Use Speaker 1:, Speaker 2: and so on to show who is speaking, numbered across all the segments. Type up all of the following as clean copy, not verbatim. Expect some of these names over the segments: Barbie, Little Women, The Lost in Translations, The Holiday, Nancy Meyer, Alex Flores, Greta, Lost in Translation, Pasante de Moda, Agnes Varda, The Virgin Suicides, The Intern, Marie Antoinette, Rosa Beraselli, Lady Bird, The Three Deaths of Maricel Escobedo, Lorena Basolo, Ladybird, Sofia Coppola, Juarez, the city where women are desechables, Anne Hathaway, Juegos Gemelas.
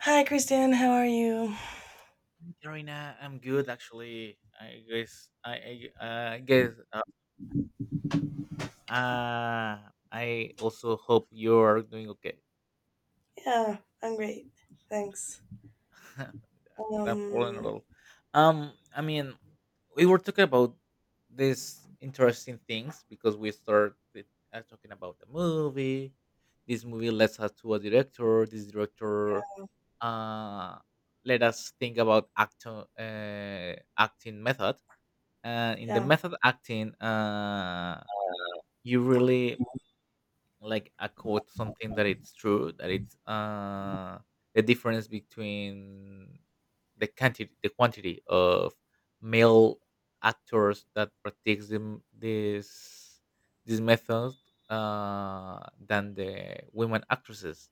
Speaker 1: Hi, Kristen. How are you?
Speaker 2: Hi, Karina, I'm good actually. I guess I guess uh I also hope you're doing okay.
Speaker 1: Yeah, I'm great. Thanks.
Speaker 2: That problem at
Speaker 1: Um,
Speaker 2: all. Um, I mean, we were talking about these interesting things because we started talking about the movie. This movie led us to a director. This director uh, let us think about actor acting method. In the
Speaker 1: yeah,
Speaker 2: method acting, you really like a quote something that it's true that it's the difference between the quantity of male actors that practice them, this method than the women actresses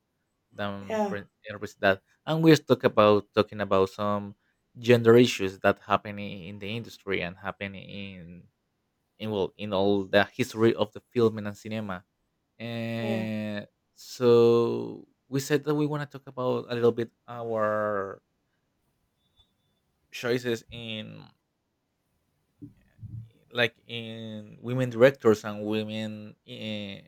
Speaker 2: than
Speaker 1: yeah,
Speaker 2: pre- actresses that and we talk about talking about some gender issues that happen in the industry and happen in well in all the history of the film and cinema
Speaker 1: yeah,
Speaker 2: and so we said that we want to talk about a little bit our choices in like in women directors and women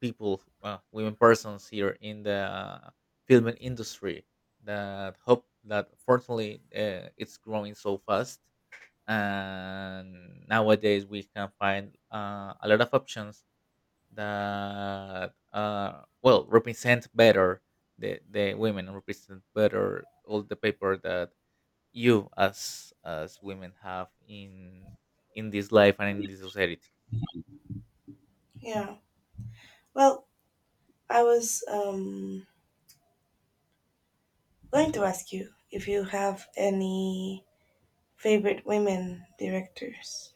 Speaker 2: people, well, women persons here in the film industry that hope that fortunately it's growing so fast, and nowadays we can find a lot of options that well represent better the women represent better all the paper that you as women have in this life and in this society.
Speaker 1: yeah. Well, I was going to ask you if you have any favorite women directors.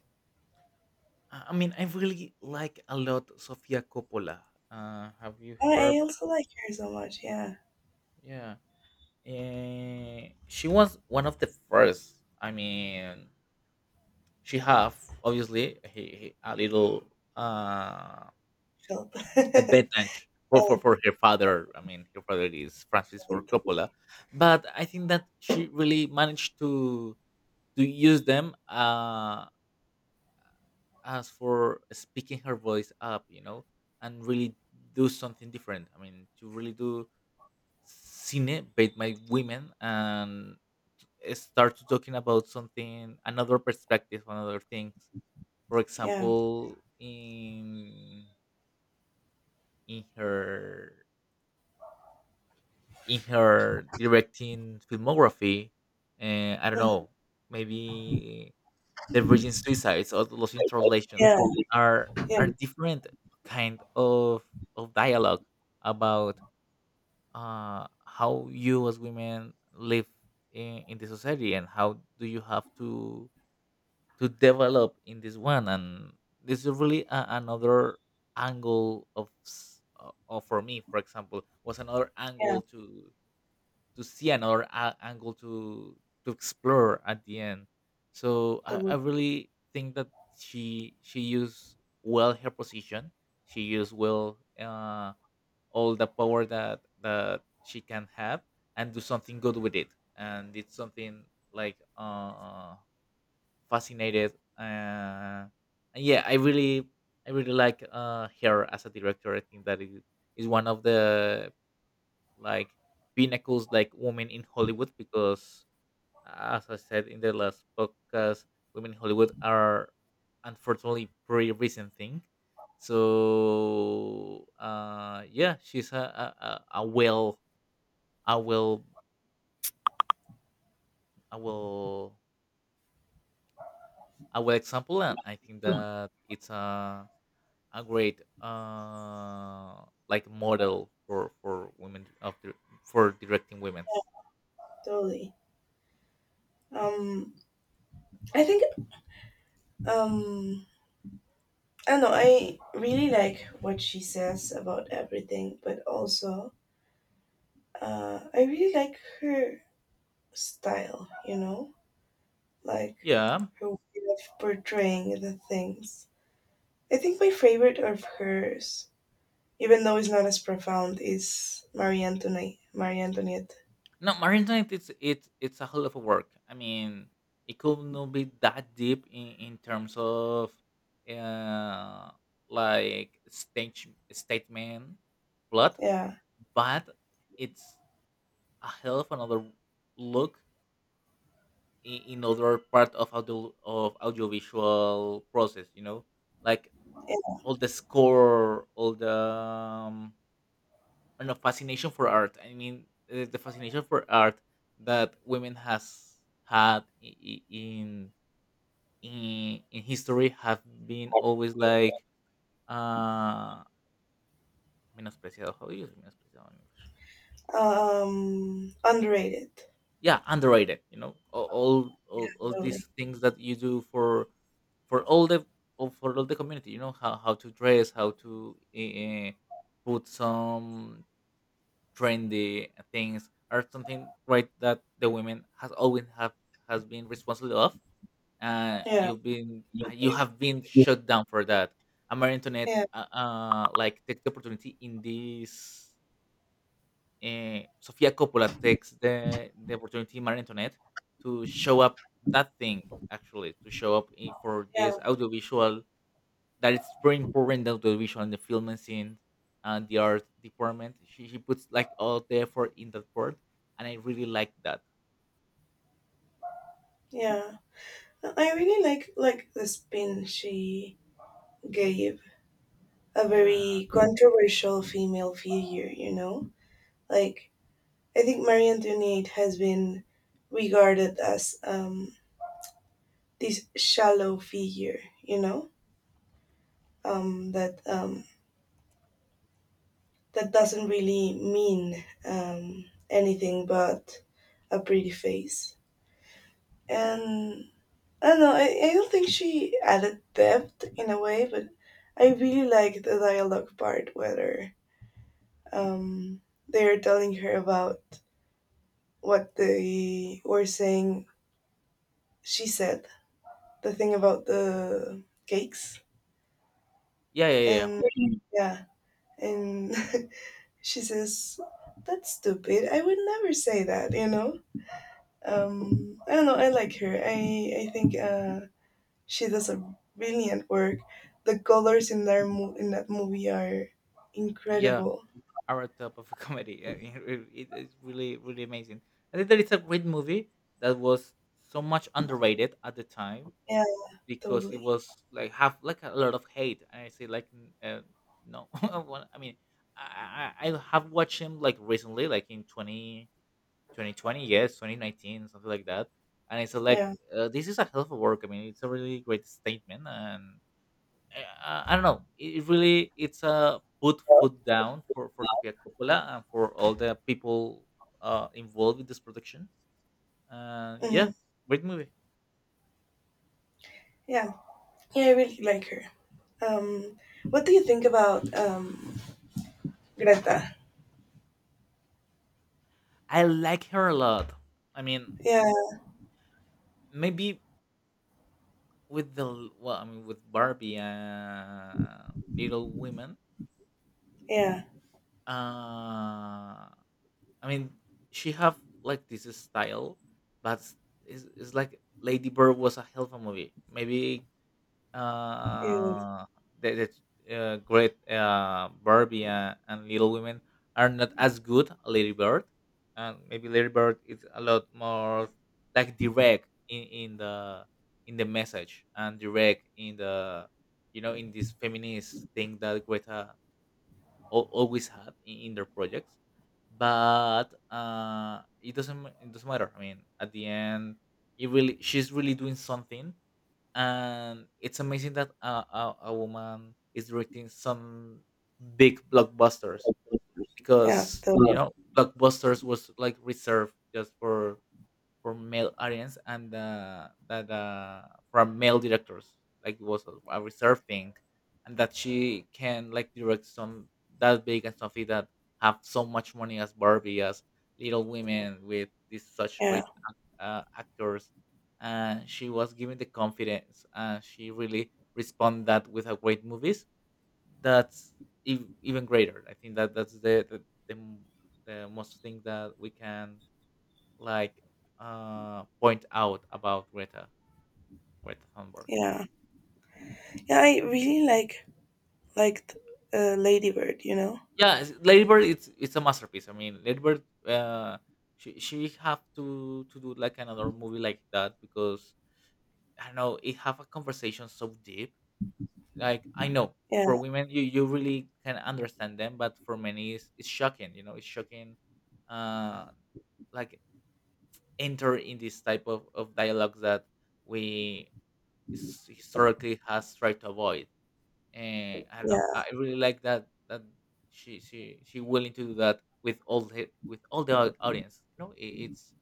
Speaker 2: I mean I really like a lot Sofia Coppola. Uh, have you
Speaker 1: Oh,
Speaker 2: heard?
Speaker 1: I also like her so much. Yeah,
Speaker 2: Yeah. She was one of the first, I mean, she have obviously a little uh.
Speaker 1: Philip.
Speaker 2: at
Speaker 1: Yeah,
Speaker 2: Bethlange for, for
Speaker 1: totally,
Speaker 2: for her father. I mean, her father is Francis Ford Coppola,
Speaker 1: totally.
Speaker 2: but I think that she really managed to use them as for speaking her voice up, you know, and really do something different. I mean, to really do cine made by women and start to talking about something, another perspective, another things. For
Speaker 1: Yeah,
Speaker 2: example, in in her in her directing filmography. And I don't
Speaker 1: Mhm.
Speaker 2: know, maybe The Virgin Suicides or The Lost in Translations
Speaker 1: yeah, yeah,
Speaker 2: are different kind of dialogue about how you as women live in the society and how do you have to develop in this one, and this is really a, another angle of, of for me for example was another
Speaker 1: yeah.
Speaker 2: angle to see another angle to explore at the end. So I
Speaker 1: Totally,
Speaker 2: really think that she used well her position. She used well all the power that she can have and do something good with it. And it's something like fascinated. Uh, and yeah, I really like her as a director. I think that it is one of the like pinnacles like women in Hollywood because, as I said in the last podcast, women in Hollywood are unfortunately pretty recent thing. So yeah, she's a a, a a well a well a well a well example, and I think that it's a great like model for women of the, for directing women's.
Speaker 1: totally. Um, I think um I don't know, I really like what she says about everything, but also I really like her style. You know, like
Speaker 2: Yeah.
Speaker 1: her way of portraying the things. I think my favorite of hers, even though it's not as profound, is Marie Antoinette. Marie Antoinette.
Speaker 2: No, Marine Knight, it's a whole lot of work. I mean, it could not be that deep in terms of uh like stage statement plot,
Speaker 1: Yeah.
Speaker 2: but it's a hell of another look in other part of audiovisual process, you know? Like,
Speaker 1: And,
Speaker 2: all the score, all the and a fascination for art. I mean, the fascination for art that women has had in history have been always like uh menospreciado. How do you say menospreciado in English?
Speaker 1: underrated.
Speaker 2: Yeah, underrated. You know, all
Speaker 1: Totally.
Speaker 2: these things that you do for for all the for all the community. You know how to dress, how to put some trendy things are something right that the women has always have has been responsible of, and
Speaker 1: Yeah.
Speaker 2: you've been
Speaker 1: Yeah.
Speaker 2: you have been shut down for that. And Marie Antoinette
Speaker 1: Yeah.
Speaker 2: like take the opportunity in this Sofia Coppola takes the opportunity in Marie Antoinette to show up that thing, actually to show up in, for this audiovisual that it's very important that the visual and the filming scene and the art department, she puts like all the effort in that part, and I really like that.
Speaker 1: Yeah. No, I really like the spin she gave a
Speaker 2: yeah
Speaker 1: very controversial female figure, you know? Like, I think Marie Antoinette has been regarded as this shallow figure, you know? Um, that, um, that doesn't really mean anything but a pretty face. And I don't know, I don't think she added depth in a way, but I really like the dialogue part where um, they're telling her about what they were saying, she said the thing about the cakes,
Speaker 2: yeah yeah yeah
Speaker 1: and Mhm. yeah and she says that's stupid, I would never say that. I don't know, I like her. I think she does a brilliant work. The colors in their in that movie are
Speaker 2: yeah
Speaker 1: incredible.
Speaker 2: Our top of a comedy, I mean. It's really really amazing. I think that it's a great movie that was so much underrated at the time
Speaker 1: Yeah.
Speaker 2: because it
Speaker 1: Totally.
Speaker 2: was like have like a lot of hate and I say like no. Well, I mean, I have watched him like recently like in 20 2020, yes 2019, something like that, and it's like
Speaker 1: Yeah.
Speaker 2: this is a hell of a work. I mean, it's a really great statement, and I don't know, it really it's a put foot down for Sofia Coppola and for all the people involved with this production. Yeah,
Speaker 1: Hmm.
Speaker 2: great movie.
Speaker 1: Yeah. Yeah, I really like her. um what do you think about Greta?
Speaker 2: I like her a lot. I mean,
Speaker 1: Yeah.
Speaker 2: maybe with the well, I mean, with Barbie and Little Women
Speaker 1: Yeah,
Speaker 2: uh I mean, she have like this style, but it's like Lady Bird was a hell of a movie. Maybe
Speaker 1: it is.
Speaker 2: uh, the great Barbie and Little Women are not as good as Lady Bird, and maybe Lady Bird is a lot more like direct in the message and direct in the, you know, in this feminist thing that Greta always had in, their projects. But it doesn't it doesn't matter, I mean, at the end, it really she's really doing something, and it's amazing that a woman is directing some big blockbusters
Speaker 1: Yeah,
Speaker 2: because, you
Speaker 1: the
Speaker 2: know, blockbusters was like reserved just for male audience, and that from male directors, like it was a reserved thing, and that she can like direct some that big and something that have so much money as Barbie, as Little Women, with these such
Speaker 1: yeah,
Speaker 2: great actors, and she was given the confidence, and she really responded that with a great movies. That's even greater. I think that that's the most thing that we can like point out about Greta Greta Thunberg.
Speaker 1: yeah, yeah. I really liked Ladybird. You know.
Speaker 2: Yeah, Lady Bird, it's a masterpiece. I mean, Lady Bird she have to do like another movie like that because I don't know, it have a conversation so deep. Like, I know
Speaker 1: Yeah,
Speaker 2: for women you you really can understand them, but for many it's shocking, you know, it's shocking uh like enter in this type of dialogues that we historically has tried to avoid. And I don't know. I
Speaker 1: yeah,
Speaker 2: really like that she she willing to do that with all the audience. You know, it, it's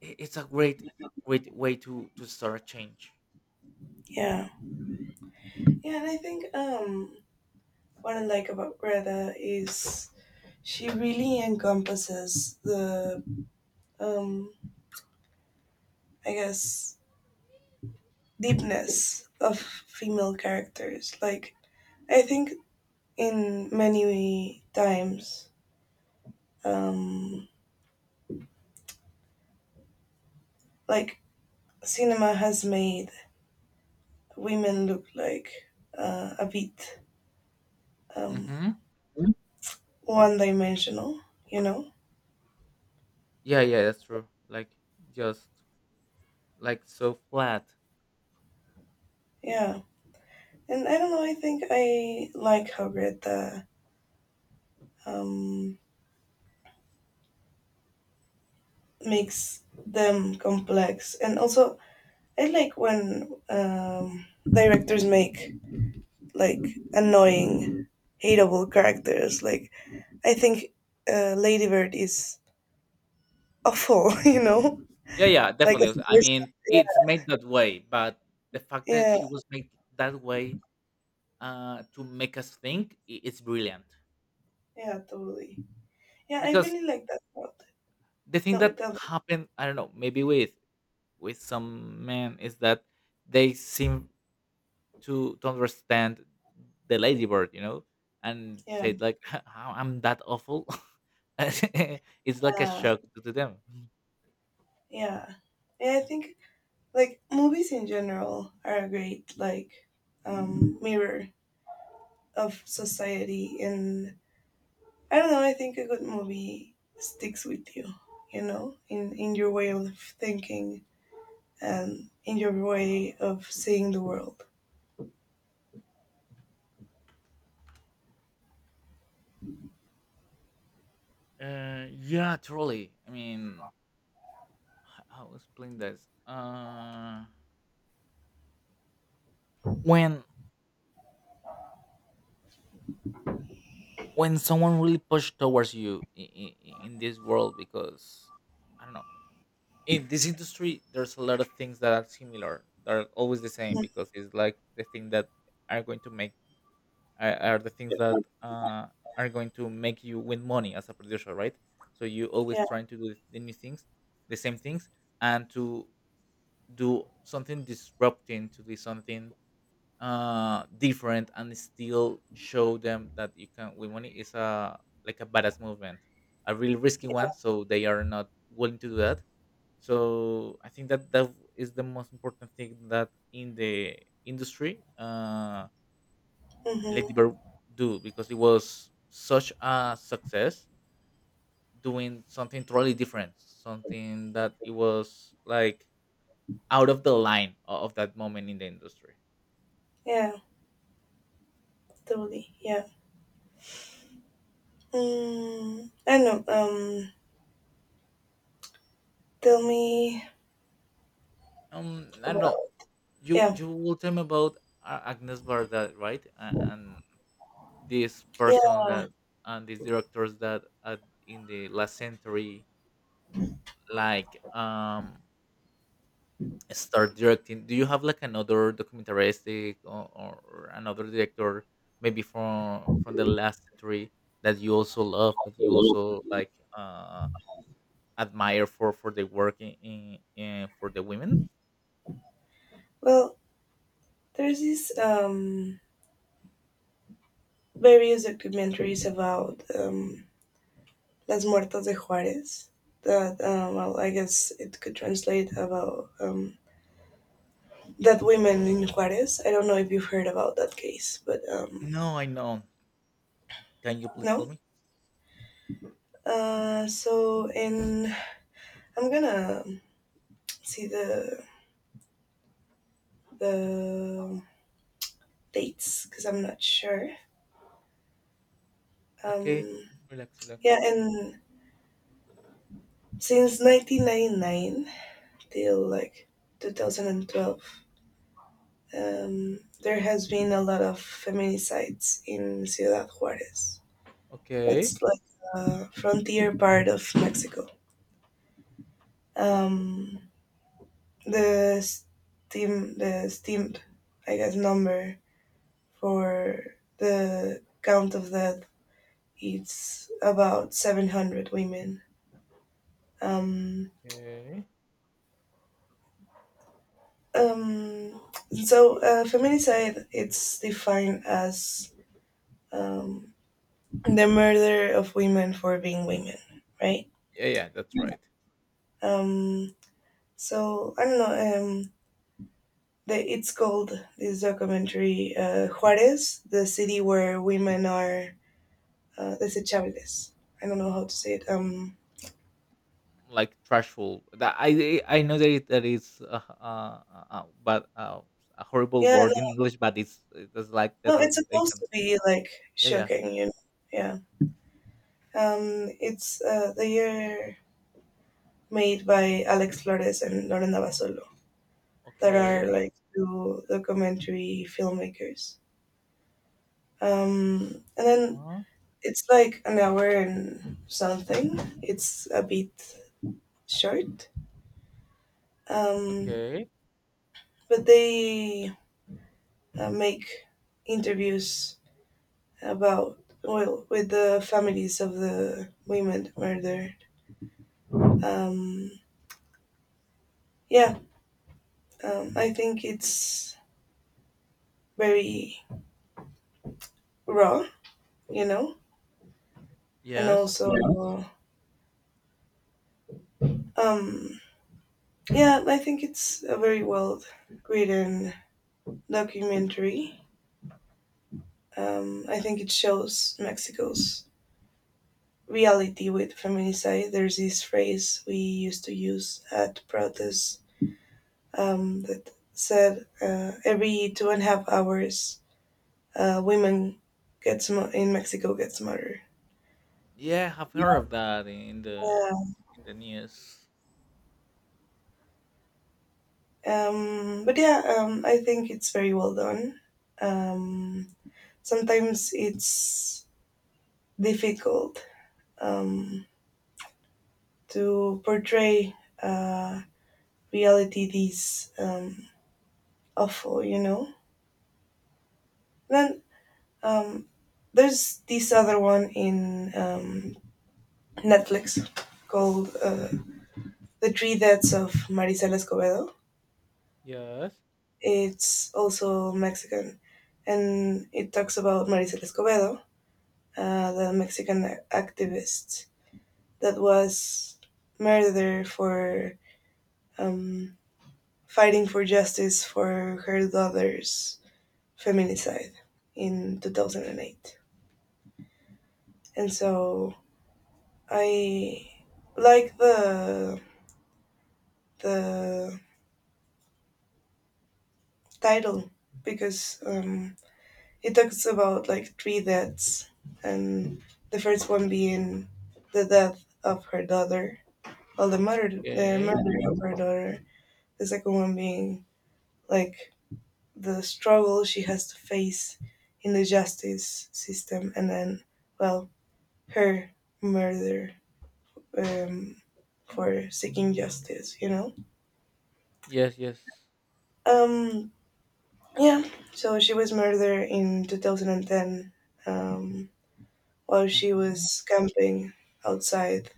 Speaker 2: it- it's a great great way to start a change.
Speaker 1: yeah, yeah. And I think what I like about Greta is she really encompasses the um, I guess deepness of female characters. Like I think in many times, um, like cinema has made women look like a bit um,
Speaker 2: Mm-hmm.
Speaker 1: Mm. one dimensional, you know?
Speaker 2: Yeah, yeah, that's true. Like, just like so flat.
Speaker 1: Yeah. And I don't know, I think I like how Greta um, makes them complex. And also, I like when directors make like annoying, hateable characters. Like, I think Ladybird is awful, you know?
Speaker 2: Yeah, yeah,
Speaker 1: Like,
Speaker 2: definitely.
Speaker 1: as a
Speaker 2: I
Speaker 1: person.
Speaker 2: mean,
Speaker 1: Yeah,
Speaker 2: it's made that way, but the fact that
Speaker 1: yeah,
Speaker 2: she was made that way to make us think, it's brilliant.
Speaker 1: yeah, totally. Yeah, I
Speaker 2: Because
Speaker 1: really like that part.
Speaker 2: the thing
Speaker 1: No, it
Speaker 2: that
Speaker 1: doesn't.
Speaker 2: happened, I don't know, maybe with some men is that they seem to understand the ladybird, you know, and
Speaker 1: Yeah,
Speaker 2: say like, "How I'm that awful." it's like a
Speaker 1: yeah,
Speaker 2: shock to them.
Speaker 1: yeah. Yeah, I think like movies in general are a great like mirror of society. And I don't know, I think a good movie sticks with you, you know, in your way of thinking and in your way of seeing the world.
Speaker 2: Yeah, truly. I mean, how to explain this? When when someone really pushed towards you in this world, because I don't know, in this industry there's a lot of things that are similar that are always the same
Speaker 1: Mm.
Speaker 2: because it's like the thing that are going to make are the things that are going to make you win money as a producer, right? So you always
Speaker 1: Yeah.
Speaker 2: trying to do the new things the same things, and to do something disrupting, to do something different and still show them that you can win money is a like a badass movement, a really risky
Speaker 1: Yeah,
Speaker 2: one, so they are not willing to do that. So I think that that is the most important thing that in the industry lady
Speaker 1: mm-hmm.
Speaker 2: bird do, because it was such a success doing something totally different, something that it was like out of the line of that moment in the industry.
Speaker 1: Yeah, totally. Yeah. Mm, I don't know. Tell me
Speaker 2: I don't
Speaker 1: about.
Speaker 2: know, you
Speaker 1: Yeah.
Speaker 2: you will tell me about Agnes Varda, right? And this
Speaker 1: Yeah.
Speaker 2: person that and these directors that in the last century like start directing. Do you have like another documentaristic or another director maybe from the last century that you also love, that you
Speaker 1: So,
Speaker 2: also like uh admire for the work in for the women?
Speaker 1: well, there's these various documentaries about Las Muertas de Juarez that, well, I guess it could translate about that women in Juarez. I don't know if you've heard about that case, but
Speaker 2: No, I know, can you please tell
Speaker 1: no.
Speaker 2: me.
Speaker 1: So in, I'm gonna see the dates because I'm not sure.
Speaker 2: Okay,
Speaker 1: Um,
Speaker 2: relax relax.
Speaker 1: yeah, and since 1999 till like 2012, there has been a lot of feminicides in Ciudad Juarez.
Speaker 2: Okay.
Speaker 1: That's like a frontier part of Mexico. Um, the steam, the steamed, I guess, number for the count of that, it's about 700 women. Um,
Speaker 2: Okay.
Speaker 1: um, so feminicide it's defined as um, the murder of women for being women, right?
Speaker 2: Yeah yeah, that's right.
Speaker 1: Um, so I don't know. The, it's called this documentary Juarez, the city where women are desechables. I don't know how to say it.
Speaker 2: Like trashful. That I know that that is but a horrible
Speaker 1: Yeah,
Speaker 2: word in English, but it's like the
Speaker 1: no, no, it's supposed
Speaker 2: translation.
Speaker 1: to be like
Speaker 2: Yeah, yeah.
Speaker 1: shocking, you know. Yeah. It's they are made by Alex Flores and Lorena Basolo, that are
Speaker 2: Okay.
Speaker 1: like two documentary filmmakers. And then
Speaker 2: Huh?
Speaker 1: it's like an hour and something. It's a bit short, um,
Speaker 2: Okay.
Speaker 1: but they make interviews about, well, with the families of the women murdered. Um, yeah, I think it's very raw, you know, and
Speaker 2: Yes.
Speaker 1: also um, yeah, I think it's a very well written documentary. I think it shows Mexico's reality with feminicide. There's this phrase we used to use at protests that said every two and a half hours, women in Mexico gets murdered.
Speaker 2: Yeah, I've heard of that in the
Speaker 1: Yeah.
Speaker 2: in the news.
Speaker 1: But yeah, I think it's very well done. Um, sometimes it's difficult um, to portray uh, reality this awful, you know. Then Um, there's this other one in Netflix called The Three Deaths of Maricel Escobedo.
Speaker 2: Yes.
Speaker 1: It's also Mexican, and it talks about Maricel Escobedo, the Mexican activist that was murdered for um, fighting for justice for her daughter's feminicide in 2008. And so I like the title because it talks about like three deaths, and the first one being the death of her daughter, well, the
Speaker 2: Okay.
Speaker 1: murder of her daughter. The second one being like the struggle she has to face in the justice system, and then, well, her murder um, for seeking justice. You know.
Speaker 2: Yes. Yes.
Speaker 1: Um, Yeah, so she was murdered in 2010, um, while she
Speaker 2: Hmm.
Speaker 1: was camping outside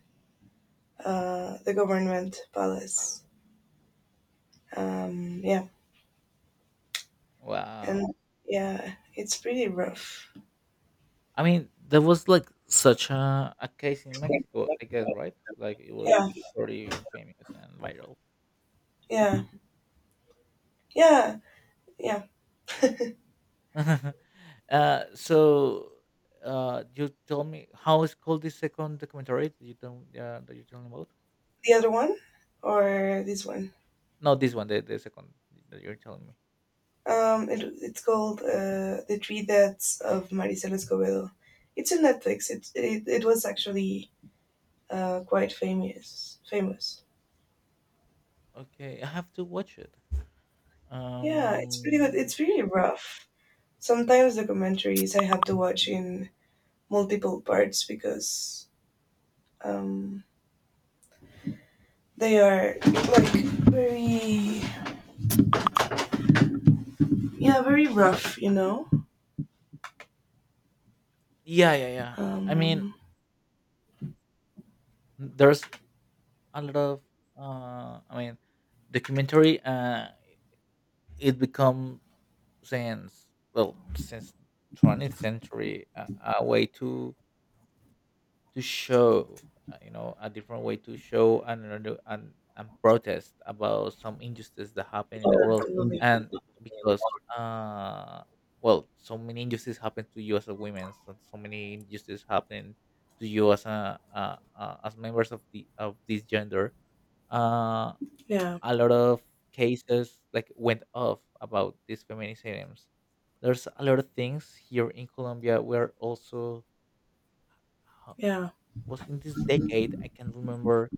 Speaker 1: the government palace. Yeah,
Speaker 2: Wow.
Speaker 1: and yeah, it's pretty rough.
Speaker 2: I mean, there was like such a case in Mexico, I guess, right? Like it was
Speaker 1: Yeah,
Speaker 2: pretty famous and viral.
Speaker 1: yeah, yeah, yeah.
Speaker 2: So you told me how is called this second documentary that you told me about?
Speaker 1: The other one or this one?
Speaker 2: No, this one, the second that you're telling me.
Speaker 1: It's called The Three Deaths of Maricel Escobedo. It's on Netflix. It was actually quite famous. Famous.
Speaker 2: Okay, I have to watch it.
Speaker 1: Yeah, it's pretty good.
Speaker 2: Um,
Speaker 1: It's really rough. Sometimes documentaries I have to watch in multiple parts because um, they are like very, yeah, very rough. You know.
Speaker 2: yeah, yeah, yeah. I mean,
Speaker 1: Um,
Speaker 2: there's a lot of uh, I mean, documentary. It become since 20th century a way to show, you know, a different way to show and protest about some injustice that happen in the world, and because uh, well, so many injustices happen to you as a woman, so, so many injustices happen to you as a as members of the of this gender. Uh,
Speaker 1: yeah,
Speaker 2: a lot of cases like went off about these feminisms. There's a lot of things here in Colombia. We're also uh,
Speaker 1: yeah.
Speaker 2: was in this decade. I can't remember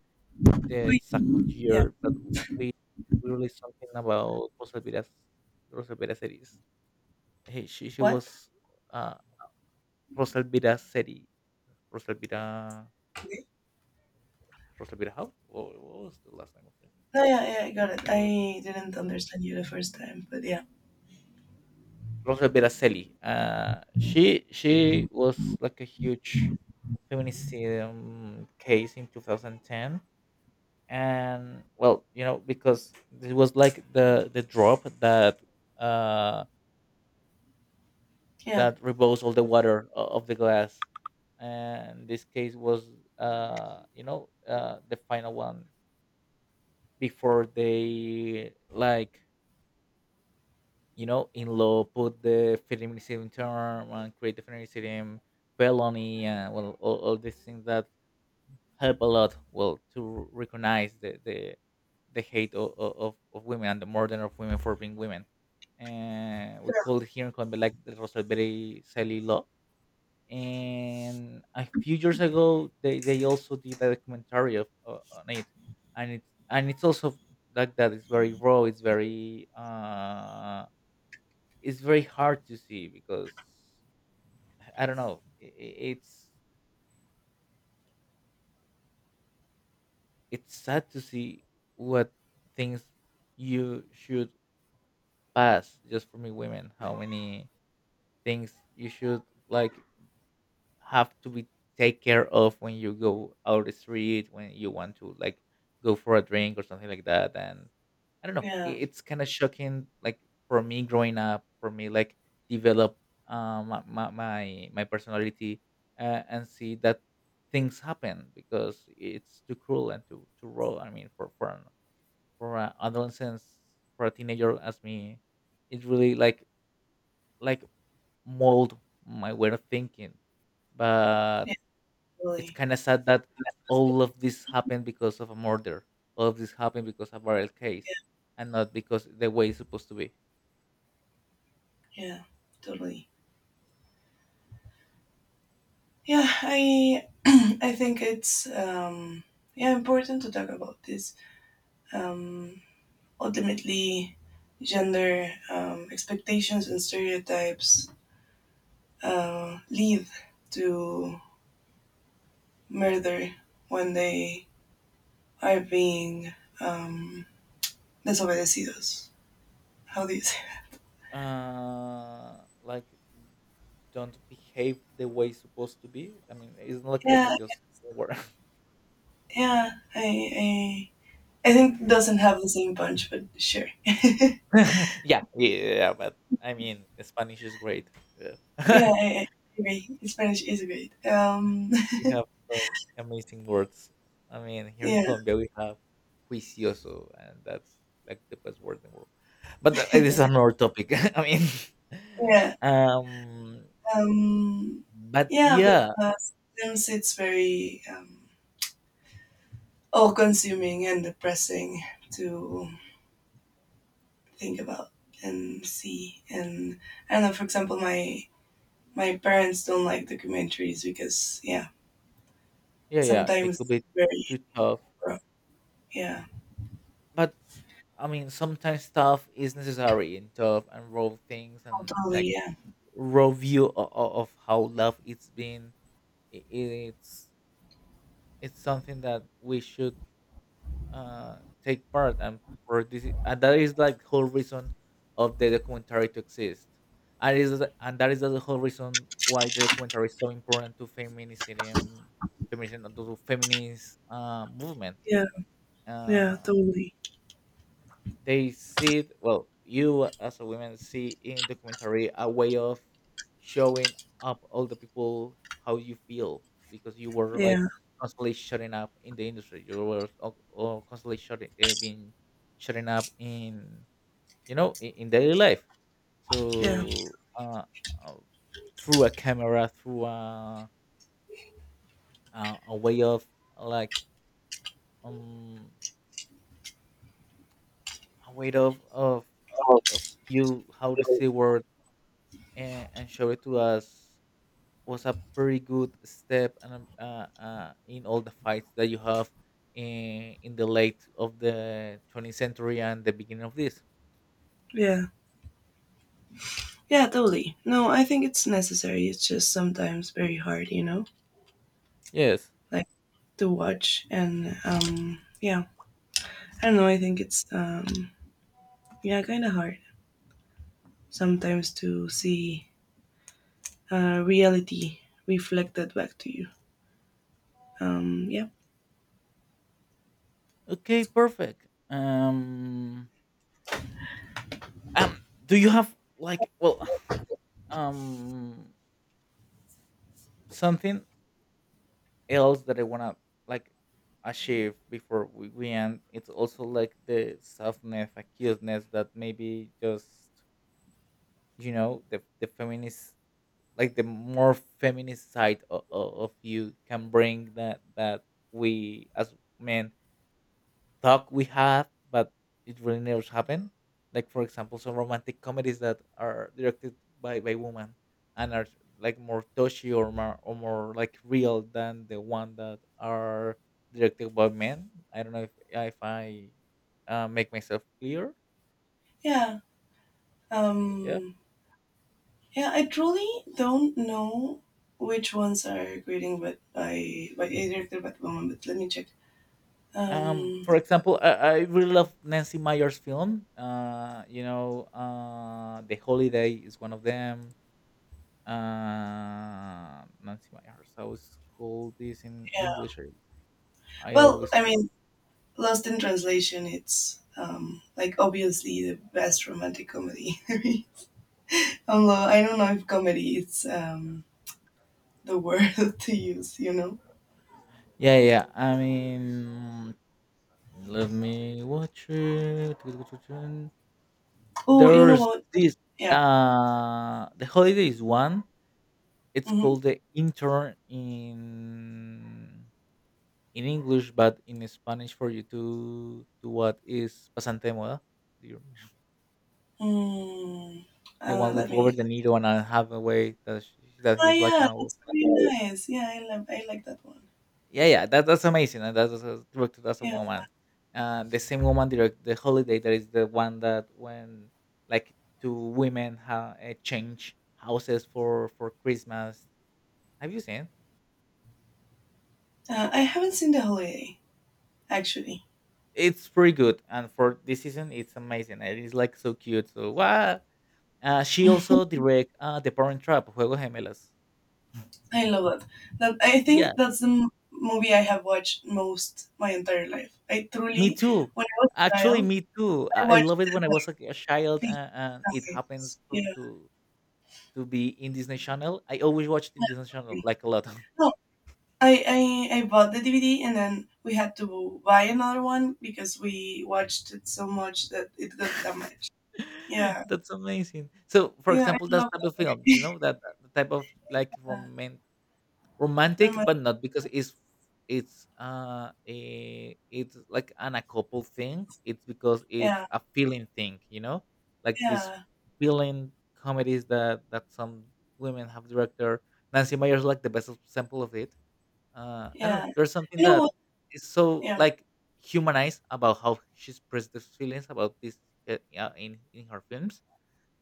Speaker 2: the
Speaker 1: Wait,
Speaker 2: exact
Speaker 1: yeah.
Speaker 2: year, but we released something about Rosalvira series. Hey, she
Speaker 1: What?
Speaker 2: was uh Rosalvira series. Rosalvira
Speaker 1: Okay.
Speaker 2: Rosalvira how? What was the last name of it?
Speaker 1: No, yeah, yeah. I got it.
Speaker 2: Ro-
Speaker 1: I didn't understand you the first time, but
Speaker 2: Rosa Beraselli. She was like a huge feminism case in 2010, and well, you know, because it was like the drop that uh
Speaker 1: yeah,
Speaker 2: that removes all the water of the glass. And this case was, you know, the final one before they like, you know, in law put the feminicidium term and create the feminicidium felony and well, all these things that help a lot. Well, to recognize the the hate of women and the murder of women for being women. And we call it here in Colombia like the Rosalberry Sally law and a few years ago they also did a documentary of on it and it's also like that it's very raw, it's very hard to see because I don't know it's sad to see what things you should pass just for me women, how many things you should like have to be take care of when you go out the street, when you want to like go for a drink or something like that. And I don't know,
Speaker 1: yeah,
Speaker 2: it's kind of shocking. Like for me growing up, for me like develop my personality, and see that things happen because it's too cruel and too raw. I mean, for an, for an adolescence, for a teenager as me, it really like mold my way of thinking, but
Speaker 1: yeah.
Speaker 2: it's
Speaker 1: Totally.
Speaker 2: kind of sad that all of this happened because of a murder. All of this happened because of a viral case, and not because the way it's supposed to be.
Speaker 1: Yeah, yeah, totally. Yeah, I I think it's yeah, important to talk about this. Um, ultimately, gender expectations and stereotypes lead to murder when they are being um, desobedecidos. How do you say?
Speaker 2: Like don't behave the way it's supposed to be. I mean, it's not like I
Speaker 1: Yeah,
Speaker 2: just word.
Speaker 1: yeah. I I think it doesn't have the same punch, but sure.
Speaker 2: Yeah, yeah, but I mean, Spanish is great.
Speaker 1: yeah,
Speaker 2: Yeah.
Speaker 1: I, I agree. Spanish is great.
Speaker 2: We have some amazing words. I mean, here in
Speaker 1: Yeah.
Speaker 2: Colombia, we have juicioso, and that's like the best word in the world. But it is another topic. I mean,
Speaker 1: Yeah.
Speaker 2: um,
Speaker 1: Um,
Speaker 2: but
Speaker 1: yeah, but
Speaker 2: yeah,
Speaker 1: sometimes it's very all-consuming and depressing to think about and see. And I don't know. For example, my parents don't like documentaries because yeah,
Speaker 2: yeah, yeah, they
Speaker 1: sometimes
Speaker 2: could
Speaker 1: it's
Speaker 2: be
Speaker 1: very
Speaker 2: too tough.
Speaker 1: rough. Yeah.
Speaker 2: But I mean, sometimes tough is necessary in tough and raw things,
Speaker 1: Oh,
Speaker 2: and
Speaker 1: totally.
Speaker 2: like
Speaker 1: Yeah,
Speaker 2: raw view of how love it's been. i- i- It's it's something that we should uh, take part. And for this, and that is like whole reason of the documentary to exist. And is, and that is the whole reason why the documentary is so important to feminism, to feminist movement.
Speaker 1: yeah, yeah,
Speaker 2: Uh,
Speaker 1: totally.
Speaker 2: they see it, well you as a woman see in documentary a way of showing up all the people how you feel, because you were
Speaker 1: Yeah,
Speaker 2: like constantly shutting up in the industry, you were constantly shutting being shutting up in, you know, in daily life.
Speaker 1: yeah.
Speaker 2: So uh through a camera, through a a way of like um a way of you how to see world, and showed it to us was a pretty good step and in all the fights that you have in the late of the 20th century and the beginning of this.
Speaker 1: Yeah. Yeah, totally. No, I think it's necessary. It's just sometimes very hard, you know?
Speaker 2: Yes.
Speaker 1: Like to watch and yeah, I don't know, I think it's yeah, kind of hard sometimes to see reality reflected back to you. um yeah
Speaker 2: Okay, perfect. Um do you have like well um something else that I want to like achieve before we end. It's also like the softness acuteness that maybe just, you know, the feminist, like the more feminist side of you can bring, that that we as men thought we have but it really never happened, like for example some romantic comedies that are directed by women and are like more touchy, or more, or more like real than the one that are directed by men. I don't know if I make myself clear.
Speaker 1: yeah.
Speaker 2: Yeah.
Speaker 1: um yeah, I truly don't know which ones are grading but by a director but woman, but let me check. um
Speaker 2: For example, I really love Nancy Meyer's film. You know, The Holiday is one of them. Nancy Meyer. So it's called this in
Speaker 1: yeah,
Speaker 2: English. I
Speaker 1: well,
Speaker 2: always.
Speaker 1: I
Speaker 2: for-
Speaker 1: mean, Lost in Translation it's like obviously the best romantic comedy, although I don't know if comedy is the word to use, you know?
Speaker 2: Yeah, yeah, yeah. I mean, let me watch it.
Speaker 1: Oh, you know
Speaker 2: There's
Speaker 1: what?
Speaker 2: this.
Speaker 1: Yeah.
Speaker 2: The Holiday is one. It's
Speaker 1: Hmm.
Speaker 2: called The Intern in English, but in Spanish for you to what is Pasante de Moda? Do you remember?
Speaker 1: Mm,
Speaker 2: The one
Speaker 1: let
Speaker 2: with Robert
Speaker 1: me.
Speaker 2: De Niro and Anne Hathaway that she, that
Speaker 1: Oh,
Speaker 2: he's like
Speaker 1: yeah,
Speaker 2: kind of
Speaker 1: that's pretty nice. Yeah, I love. I like that one.
Speaker 2: yeah yeah that that's amazing, and that's directed as a
Speaker 1: Yeah,
Speaker 2: woman. The same woman direct The Holiday, that is the one that when like two women change houses for Christmas. Have you seen?
Speaker 1: I haven't seen The Holiday actually.
Speaker 2: It's pretty good, and for this season it's amazing, and it's like so cute. So what? She also direct The Parent Trap, Juegos Gemelas.
Speaker 1: I love that. That I
Speaker 2: Yeah,
Speaker 1: think that's the movie I have watched most my entire life. I
Speaker 2: me
Speaker 1: truly,
Speaker 2: too.
Speaker 1: when I was a
Speaker 2: Actually,
Speaker 1: child,
Speaker 2: me too.
Speaker 1: I
Speaker 2: I
Speaker 1: watched
Speaker 2: love it
Speaker 1: it
Speaker 2: when I
Speaker 1: like
Speaker 2: was a child,
Speaker 1: 50
Speaker 2: and it
Speaker 1: times.
Speaker 2: happens
Speaker 1: Yeah.
Speaker 2: to be in Disney Channel. I always watched in Disney Channel,
Speaker 1: Yeah.
Speaker 2: like a lot.
Speaker 1: No, I, I bought the DVD, and then we had to buy another one because we watched it so much that it got damaged. Yeah,
Speaker 2: That's amazing. So, for
Speaker 1: yeah, I
Speaker 2: example, that
Speaker 1: love
Speaker 2: type of films, you
Speaker 1: that.
Speaker 2: know, that type of like
Speaker 1: yeah.
Speaker 2: romantic, romantic,
Speaker 1: Remind-
Speaker 2: but not because it's it's like an a couple thing. It's because it's
Speaker 1: yeah,
Speaker 2: a feeling thing, you know, like these
Speaker 1: yeah,
Speaker 2: feeling comedies that that some women have director. Nancy Meyer's like the best example of it. I don't know.
Speaker 1: yeah.
Speaker 2: There's something
Speaker 1: You know
Speaker 2: that
Speaker 1: what?
Speaker 2: is so
Speaker 1: Yeah,
Speaker 2: like humanized about how she expresses the feelings about this, yeah, in her films,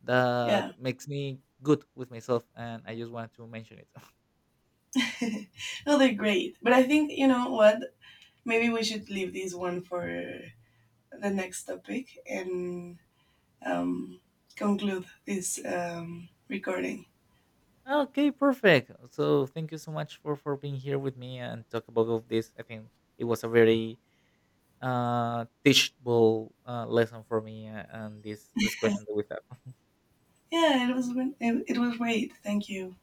Speaker 2: that
Speaker 1: yeah.
Speaker 2: makes me good with myself, and I just wanted to mention it.
Speaker 1: no, they're great. But I think you know what? Maybe we should leave this one for the next topic and um, conclude this recording.
Speaker 2: Okay, perfect. So thank you so much for being here with me and talk about all of this. I think it was a very teachable lesson for me, and this discussion that we had.
Speaker 1: Yeah, it was, it was great. Thank you.